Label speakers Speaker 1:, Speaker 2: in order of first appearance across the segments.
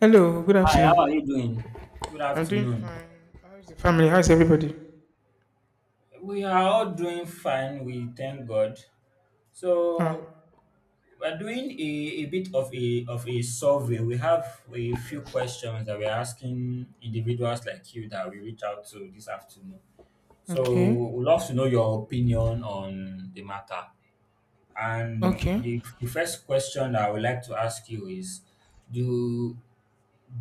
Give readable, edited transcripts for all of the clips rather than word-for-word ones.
Speaker 1: Hello, good
Speaker 2: Hi, how are you
Speaker 1: afternoon.
Speaker 2: doing? Good
Speaker 1: I'm doing
Speaker 2: afternoon.
Speaker 1: fine. How's the family? How's everybody?
Speaker 2: We are all doing fine, we thank God.
Speaker 1: Ah,
Speaker 2: So we're doing a bit of a survey. We have a few questions that we're asking individuals like you that we reach out to this afternoon. So
Speaker 1: okay,
Speaker 2: we'd love to know your opinion on the matter. And
Speaker 1: okay,
Speaker 2: the first question that I would like to ask you is do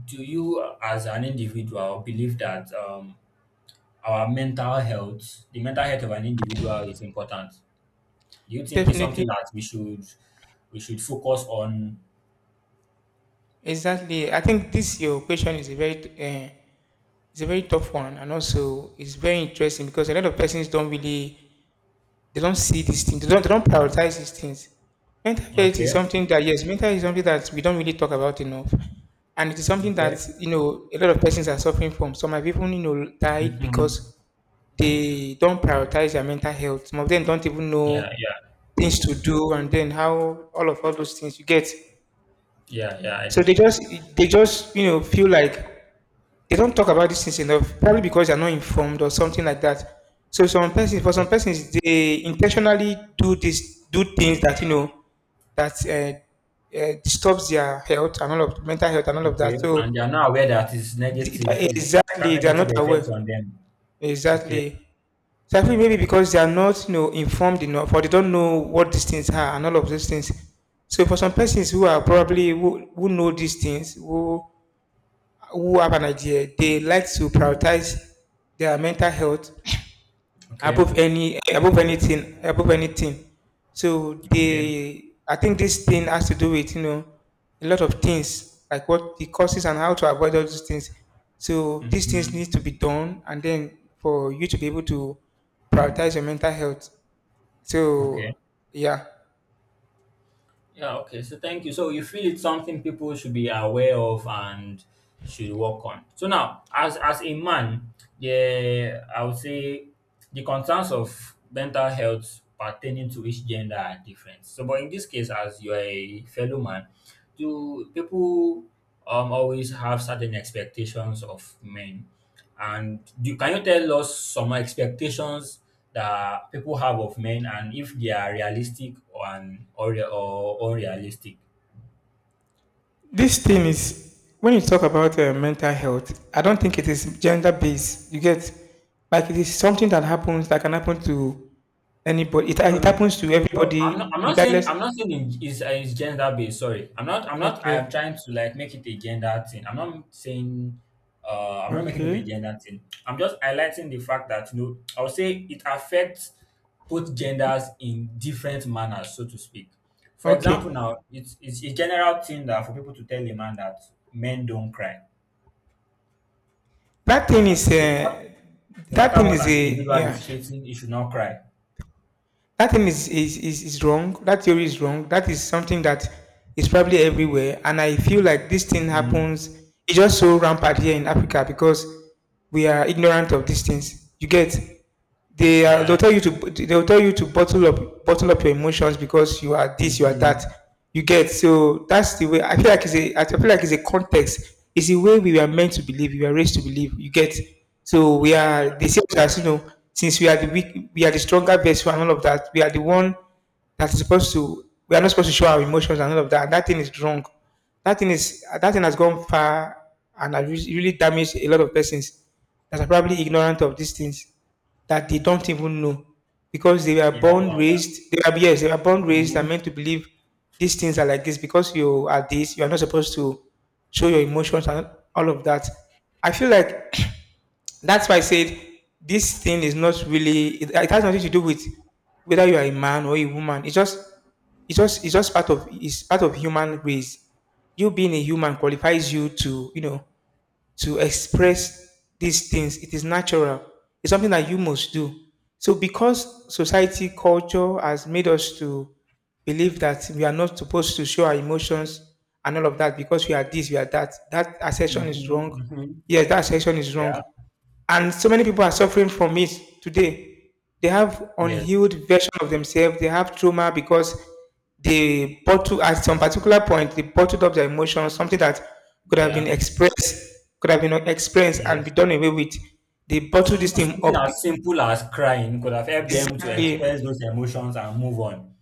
Speaker 2: do you as an individual believe that our mental health, the mental health of an individual is important. Do you think it's something
Speaker 1: definitely,
Speaker 2: that we should focus on?
Speaker 1: exactly. I think this your question is a very it's a very tough one, and also it's very interesting because a lot of persons don't really they don't prioritize these things. Mental health is
Speaker 2: Okay,
Speaker 1: something that yes, mental health is something that we don't really talk about enough, and it is something
Speaker 2: okay.
Speaker 1: that you know a lot of persons are suffering from. Some have even you know died
Speaker 2: Hmm.
Speaker 1: because they don't prioritize their mental health. Some of them don't even know
Speaker 2: Yeah, yeah,
Speaker 1: things to do and then how all of all those things you get.
Speaker 2: yeah, yeah. I
Speaker 1: So
Speaker 2: do.
Speaker 1: they just you know feel like they don't talk about these things enough, probably because they're not informed or something like that. So some persons for some
Speaker 2: Okay,
Speaker 1: persons they intentionally do this do things that you know that disturbs their health and all of mental health and all of that.
Speaker 2: okay. And they
Speaker 1: So
Speaker 2: are not aware that it's negative. It has
Speaker 1: exactly they are
Speaker 2: negative
Speaker 1: not aware.
Speaker 2: effects on them. Okay,
Speaker 1: Exactly. Selfie maybe because they are not, you know, informed enough or they don't know what these things are and all of those things. So for some persons who are probably who know these things, who have an idea, they like to prioritize their mental health
Speaker 2: okay,
Speaker 1: above any above anything so
Speaker 2: okay.
Speaker 1: they I think this thing has to do with you know a lot of things like what the causes and how to avoid all these things, so these things
Speaker 2: Hmm.
Speaker 1: need to be done and then for you to be able to prioritize your mental health.
Speaker 2: Okay.
Speaker 1: So yeah,
Speaker 2: Yeah, okay. So thank you. So you feel it's something people should be aware of and should work on. So now, as a man, yeah, I would say the concerns of mental health pertaining to each gender are different. So, but in this case, as you are a fellow man, do people always have certain expectations of men and can you tell us some expectations that people have of men and if they are realistic or unrealistic?
Speaker 1: this thing is, when you talk about mental health, I don't think it is gender based, you get. Like it is something that happens that can happen to anybody. it,
Speaker 2: No,
Speaker 1: it
Speaker 2: no.
Speaker 1: happens to
Speaker 2: No, I'm not. I'm
Speaker 1: everybody
Speaker 2: not saying.
Speaker 1: regardless.
Speaker 2: I'm not saying it is it's gender based. Sorry, I'm not. I'm not. I am trying
Speaker 1: Okay,
Speaker 2: to like make it a gender thing. I'm not saying. I'm not making it
Speaker 1: okay,
Speaker 2: a gender thing. I'm just highlighting the fact that I would say it affects both genders in different manners, so to speak. For
Speaker 1: okay.
Speaker 2: example, now it's a general thing that for people to tell a man that men don't cry.
Speaker 1: That thing
Speaker 2: That,
Speaker 1: is
Speaker 2: so no no
Speaker 1: that
Speaker 2: matter
Speaker 1: thing
Speaker 2: what
Speaker 1: is
Speaker 2: an
Speaker 1: a
Speaker 2: individual
Speaker 1: yeah.
Speaker 2: is facing, he should not cry.
Speaker 1: That thing is wrong. That theory is wrong. That is something that is probably everywhere. And I feel like this thing
Speaker 2: Mhm.
Speaker 1: happens, it's just so rampant here in Africa because we are ignorant of these things. You get,
Speaker 2: Yeah.
Speaker 1: they'll tell you to they'll tell you to bottle up your emotions because you are this, you are that.
Speaker 2: Mhm.
Speaker 1: You get, so that's the way I feel like it's a I feel like it's a context. It's the way we were meant to believe, we were raised to believe. You get, so we
Speaker 2: Yeah.
Speaker 1: are, they say to us, you know, since we are the weak, we are the stronger vessel and all of that. We are the one that is supposed to. We are not supposed to show our emotions and all of that. And that thing is wrong. That thing has gone far and has really damaged a lot of persons that are probably ignorant of these things, that they don't even know because they were
Speaker 2: Yeah,
Speaker 1: born
Speaker 2: yeah, yeah.
Speaker 1: raised. They are yes, they were born raised and
Speaker 2: Mhm,
Speaker 1: meant to believe these things are like this because you are this. You are not supposed to show your emotions and all of that. I feel like that's why I said this thing is not really. It has nothing to do with whether you are a man or a woman. It's just part of. It's part of human race. You being a human qualifies you to, you know, to express these things. It is natural. It's something that you must do. So because society culture has made us to believe that we are not supposed to show our emotions and all of that because we are this, we are that. That
Speaker 2: mhm,
Speaker 1: assertion is wrong.
Speaker 2: mhm.
Speaker 1: Yes, that assertion is wrong,
Speaker 2: Yeah.
Speaker 1: and so many people are suffering from it today. They have
Speaker 2: Yes.
Speaker 1: unhealed version of themselves, they have trauma because they bottle, at some particular point they bottled up their emotions, something that could have been
Speaker 2: Yeah.
Speaker 1: expressed could have been expressed and
Speaker 2: Yes.
Speaker 1: be done away with. They bottle this
Speaker 2: Even
Speaker 1: thing
Speaker 2: something
Speaker 1: up.
Speaker 2: as simple as crying could have helped them to
Speaker 1: Exactly.
Speaker 2: express those emotions and move on.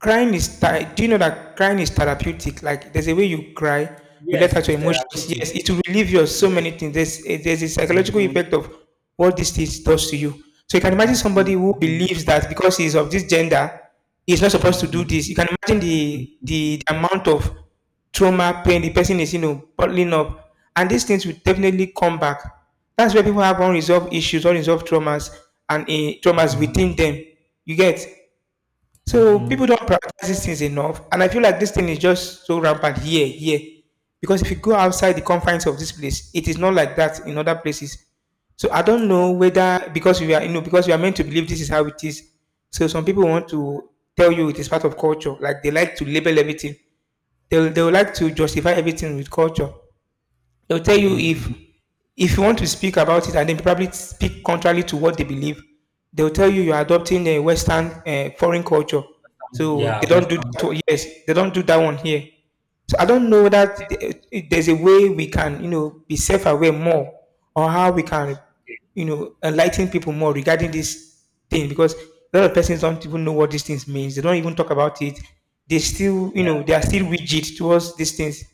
Speaker 1: Crying is do you know that crying is therapeutic? Like there's a way you cry, you
Speaker 2: Yes,
Speaker 1: let
Speaker 2: it
Speaker 1: out
Speaker 2: is
Speaker 1: your emotions. Yes,
Speaker 2: therapeutic.
Speaker 1: it will relieve you of so
Speaker 2: Yes.
Speaker 1: many things. There's a psychological
Speaker 2: Mm-hmm.
Speaker 1: effect of what this thing does to you. So you can imagine somebody who
Speaker 2: Mm-hmm.
Speaker 1: believes that because he's of this gender, he's not supposed to
Speaker 2: Mm-hmm.
Speaker 1: do this. You can imagine
Speaker 2: Mm-hmm.
Speaker 1: the amount of trauma, pain the person is you know bottling up, and these things will definitely come back. That's where people have unresolved issues, unresolved traumas, and eh, traumas
Speaker 2: Mm-hmm.
Speaker 1: within them. You get, so
Speaker 2: Mm-hmm.
Speaker 1: people don't prioritize these things enough, and I feel like this thing is just so rampant here. Because if you go outside the confines of this place, it is not like that in other places. So I don't
Speaker 2: Yeah.
Speaker 1: know whether, because we are, you know, because we are meant to believe this is how it is. So some people want to tell you it is part of culture. Like they like to label everything. They would like to justify everything with culture. They'll tell you
Speaker 2: Mm-hmm.
Speaker 1: if you want to speak about it and then probably speak contrary to what they believe, they'll tell you you're adopting a Western foreign culture. So
Speaker 2: Yeah,
Speaker 1: they don't do
Speaker 2: Western
Speaker 1: that one-
Speaker 2: culture.
Speaker 1: yes, they don't do that one here. So I don't know that there's a way we can, you know, be self-aware more, or how we can,
Speaker 2: Okay.
Speaker 1: you know, enlighten people more regarding this thing because a lot of persons don't even know what these things means. They don't even talk about it. They still, you
Speaker 2: Yeah.
Speaker 1: know, they are still rigid towards these things.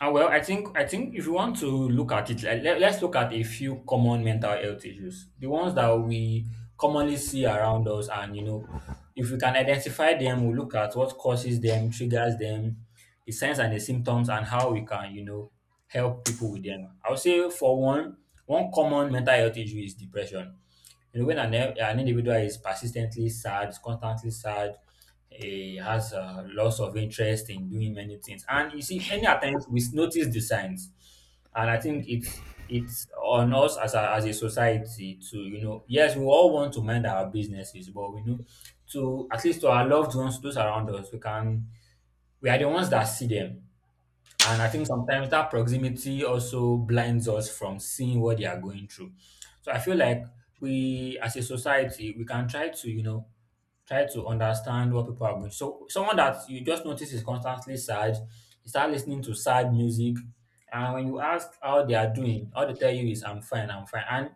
Speaker 2: Ah, well, I think if you want to look at it, like, let's look at a few common mental health issues. The ones that we commonly see around us, and if we can identify them, we look at what causes them, triggers them, the signs and the symptoms, and how we can, help people with them. I would say for one, one common mental health issue is depression. When an individual is persistently sad, constantly sad, he has a loss of interest in doing many things. And you see, many a times we notice the signs. And I think it's on us as a society to, yes, we all want to mind our businesses, but we know at least to our loved ones, those around us, we are the ones that see them, and I think sometimes that proximity also blinds us from seeing what they are going through. So I feel like we, as a society, we can try to understand what people are going. So someone that you just notice is constantly sad, you start listening to sad music, and when you ask how they are doing, all they tell you is I'm fine, I'm fine. And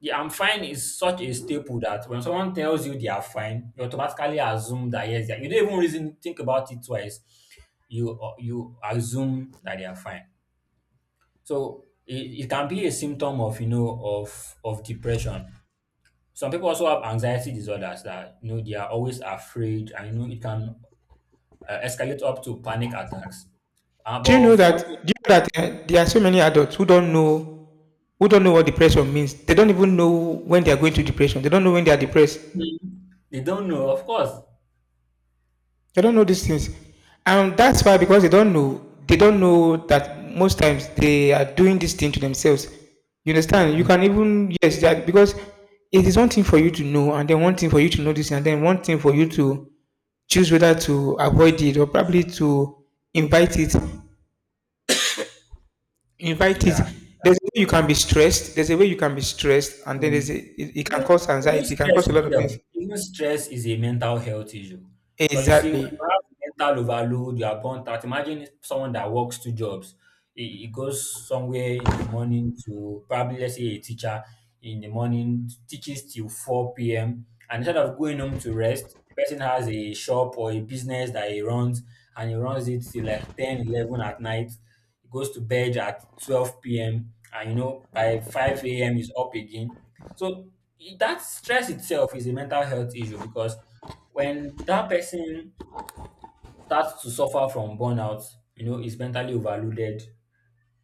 Speaker 2: the I'm fine is such a staple that when someone tells you they are fine, you automatically assume that yes, they are. You don't even reason think about it twice. You assume that they are fine. So it can be a symptom of of depression. Some people also have anxiety disorders that they are always afraid, and it can escalate up to panic attacks.
Speaker 1: Do you
Speaker 2: But
Speaker 1: know
Speaker 2: funny,
Speaker 1: that? Do you know that there are so many adults who don't know what depression means. They don't even know when they are going through depression. They don't know when they are depressed.
Speaker 2: they don't know, of course.
Speaker 1: They don't know these things, and that's why, because they don't know that most times they are doing this thing to themselves. You understand? You
Speaker 2: Mm,
Speaker 1: can even yes, that because it is one thing for you to know, and then one thing for you to notice, and then one thing for you to choose whether to avoid it or probably to invite it. Invite it.
Speaker 2: yeah.
Speaker 1: There's a way you can be stressed. There's a way you can be stressed, and then there's
Speaker 2: Um,
Speaker 1: a, it can
Speaker 2: even,
Speaker 1: cause
Speaker 2: even
Speaker 1: anxiety. It can
Speaker 2: stress
Speaker 1: cause a lot of
Speaker 2: itself,
Speaker 1: things.
Speaker 2: even stress is a mental health issue. Because you see, when
Speaker 1: Exactly.
Speaker 2: you have mental overload, you are burnt out. Imagine someone that works two jobs. He goes somewhere in the morning to probably, let's say, a teacher in the morning, teaches till 4 p.m. And instead of going home to rest, the person has a shop or a business that he runs, and he runs it till like 10 or 11 at night. He goes to bed at 12 p.m. And you know, by 5 a.m., he's up again. So that stress itself is a mental health issue because when that person starts to suffer from burnout, is mentally overloaded,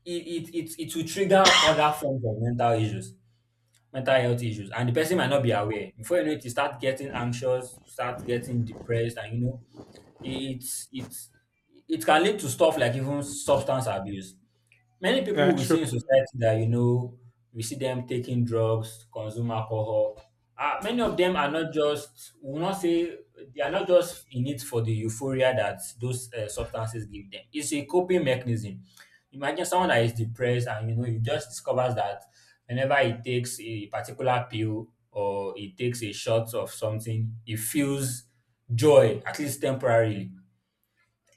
Speaker 2: it will trigger other forms of mental issues, mental health issues, and the person might not be aware. Before you know it, you start getting anxious, start getting depressed, and you know, it, it's it can lead to stuff like even substance abuse. Many
Speaker 1: Yeah,
Speaker 2: people we see in
Speaker 1: true.
Speaker 2: society that we see them taking drugs, consume alcohol. Many of them are not just, we will not say, they are not just in it for the euphoria that those substances give them. It's a coping mechanism. Imagine someone that is depressed, and you just discovers that whenever he takes a particular pill or he takes a shot of something, he feels joy, at least temporarily.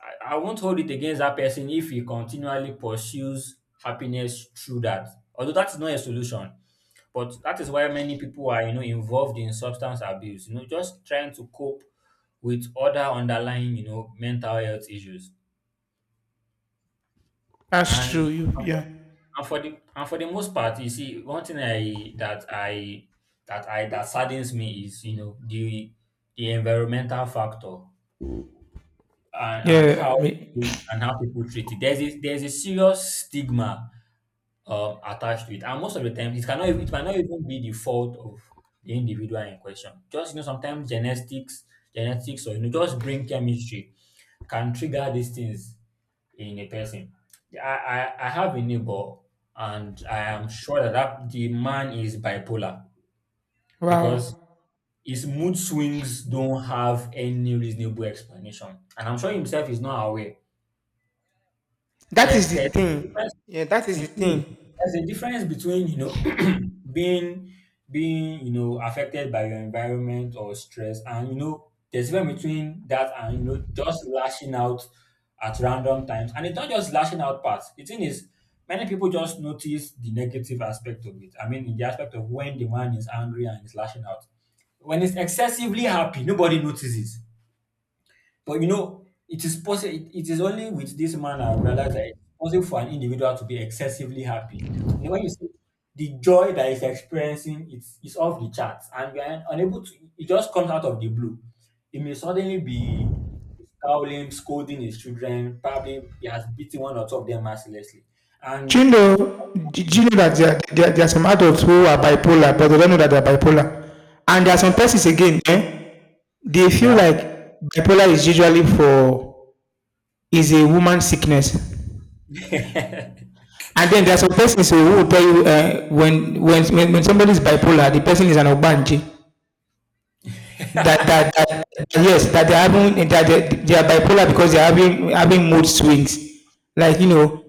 Speaker 2: I won't hold it against that person if he continually pursues happiness through that. Although that's not a solution, but that is why many people are, involved in substance abuse. Just trying to cope with other underlying, mental health issues.
Speaker 1: That's true.
Speaker 2: And
Speaker 1: You, yeah.
Speaker 2: and for the most part, you see, one thing I that I that I that saddens me is, the environmental factor. And
Speaker 1: Yeah, I
Speaker 2: how
Speaker 1: mean,
Speaker 2: we, and how people treat it. There's a serious stigma attached to it, and most of the time it might not even be the fault of the individual in question. Just sometimes genetics, or just brain chemistry can trigger these things in a person. I have a neighbor, and I am sure that the man is bipolar
Speaker 1: wow.
Speaker 2: because his mood swings don't have any reasonable explanation, and I'm sure himself is not aware.
Speaker 1: That is the
Speaker 2: There's difference
Speaker 1: thing. Yeah, that is the
Speaker 2: mhm.
Speaker 1: thing.
Speaker 2: there's a difference between being being affected by your environment or stress, and there's a difference between that and just lashing out at random times. And it's not just lashing out part. The thing is, many people just notice the negative aspect of it. I mean, in the aspect of when the man is angry and is lashing out. When it's excessively happy, nobody notices. But it is possible. It is only with this man I realized that it's possible for an individual to be excessively happy. When you see the joy that is experiencing, it's off the charts, and you are unable to. It just comes out of the blue. It may suddenly be scowling, scolding his children. Probably he has beaten one or two of them mercilessly,
Speaker 1: Do
Speaker 2: and
Speaker 1: you
Speaker 2: in
Speaker 1: know?
Speaker 2: that.
Speaker 1: Do you know that there are some adults who are bipolar, but they don't know that they're bipolar. And there are some
Speaker 2: Yeah,
Speaker 1: persons again. Eh, they feel
Speaker 2: yeah,
Speaker 1: like bipolar is usually for is a woman sickness. And then there are some persons who will tell you when somebody is bipolar, the person is an obanji. That that that yes, that they're having, that they are bipolar because they're having mood swings. Like you know,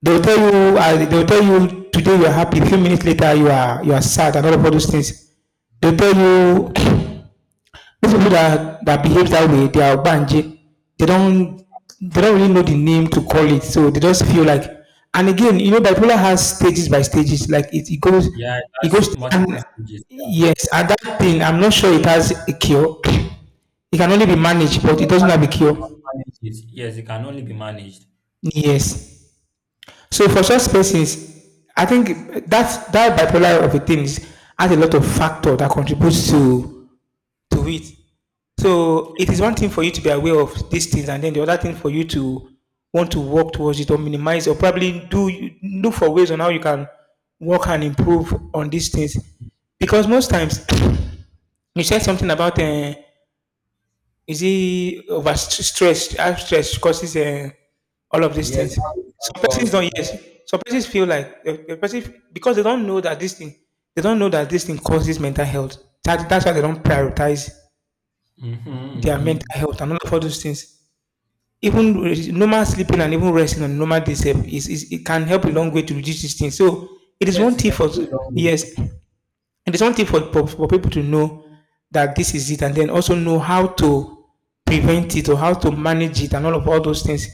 Speaker 1: they'll tell you today you're happy, a few minutes later you are sad and all of those things. They'll tell you those people that, that behave that way, they are Banji. They don't they don't really know the name to call it, so they just feel like. And again, you know, bipolar has stages by stages. Like it goes,
Speaker 2: yeah,
Speaker 1: it
Speaker 2: that's
Speaker 1: goes,
Speaker 2: multiple
Speaker 1: and
Speaker 2: stages. Yeah.
Speaker 1: yes, and that thing, I'm not sure it has a cure. It can only be managed, but it doesn't have a cure.
Speaker 2: Manage it. Yes, it can only be managed.
Speaker 1: Yes. So for such persons, I think that that bipolar of a thing is, has a lot of factor that contributes to it. So it is one thing for you to be aware of these things, and then the other thing for you to want to work towards it or minimize or probably do look for ways on how you can work and improve on these things. Because most times you said something about is it over stress, how stress causes all of these
Speaker 2: Yes,
Speaker 1: things.
Speaker 2: of
Speaker 1: Some persons
Speaker 2: course.
Speaker 1: don't yes. Some persons feel like the person because they don't know that this thing they don't know that this thing causes mental health. That's why they don't prioritize
Speaker 2: Mhm,
Speaker 1: their mental
Speaker 2: mhm.
Speaker 1: health and all of all those things. Even normal sleeping and even resting on normal days sef is it can help a long way to reduce these things. So it is
Speaker 2: Yes,
Speaker 1: one
Speaker 2: it
Speaker 1: thing
Speaker 2: can
Speaker 1: for
Speaker 2: go a long way.
Speaker 1: yes, it is one thing for, for people to know that this is it and then also know how to prevent it or how to manage it and all of all those things.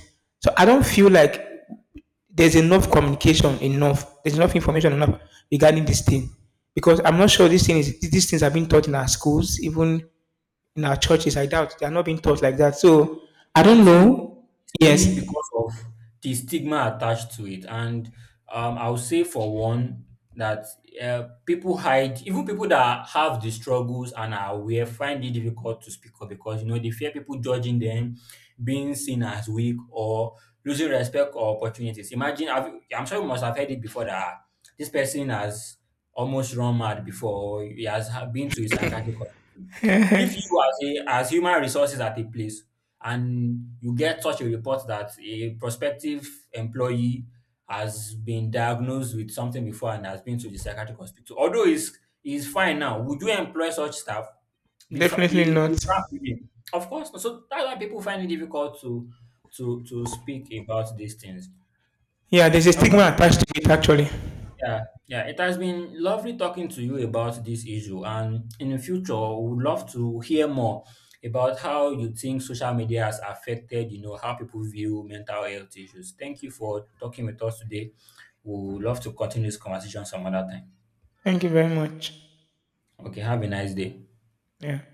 Speaker 1: So I don't feel like there's enough communication, there's enough information enough regarding this thing. Because I'm not sure this thing is these things have been taught in our schools, even in our churches. I doubt they are not being taught like that. So I
Speaker 2: Third
Speaker 1: don't
Speaker 2: thing is
Speaker 1: know.
Speaker 2: it's mainly
Speaker 1: Yes,
Speaker 2: because of the stigma attached to it, and I'll say for one that people hide. Even people that have the struggles and are aware find it difficult to speak up because they fear people judging them, being seen as weak, or losing respect or opportunities. Imagine, I'm sure you must have heard it before that, "Ah, this person has almost run mad before, or he has been to a psychiatric hospital." If you as a as human resources at a place and you get such a report that a prospective employee has been diagnosed with something before and has been to the psychiatric hospital, although he's fine now, would you employ such staff? Be fra- be,
Speaker 1: definitely not.
Speaker 2: be frank with me. Of course not. So that's why people find it difficult to speak about these things.
Speaker 1: Yeah, there's a stigma attached to it actually.
Speaker 2: Yeah, yeah, it has been lovely talking to you about this issue, and in the future, we would love to hear more about how you think social media has affected, how people view mental health issues. Thank you for talking with us today. We would love to continue this conversation some other time.
Speaker 1: Thank you very much.
Speaker 2: Okay, have a nice day.
Speaker 1: Yeah.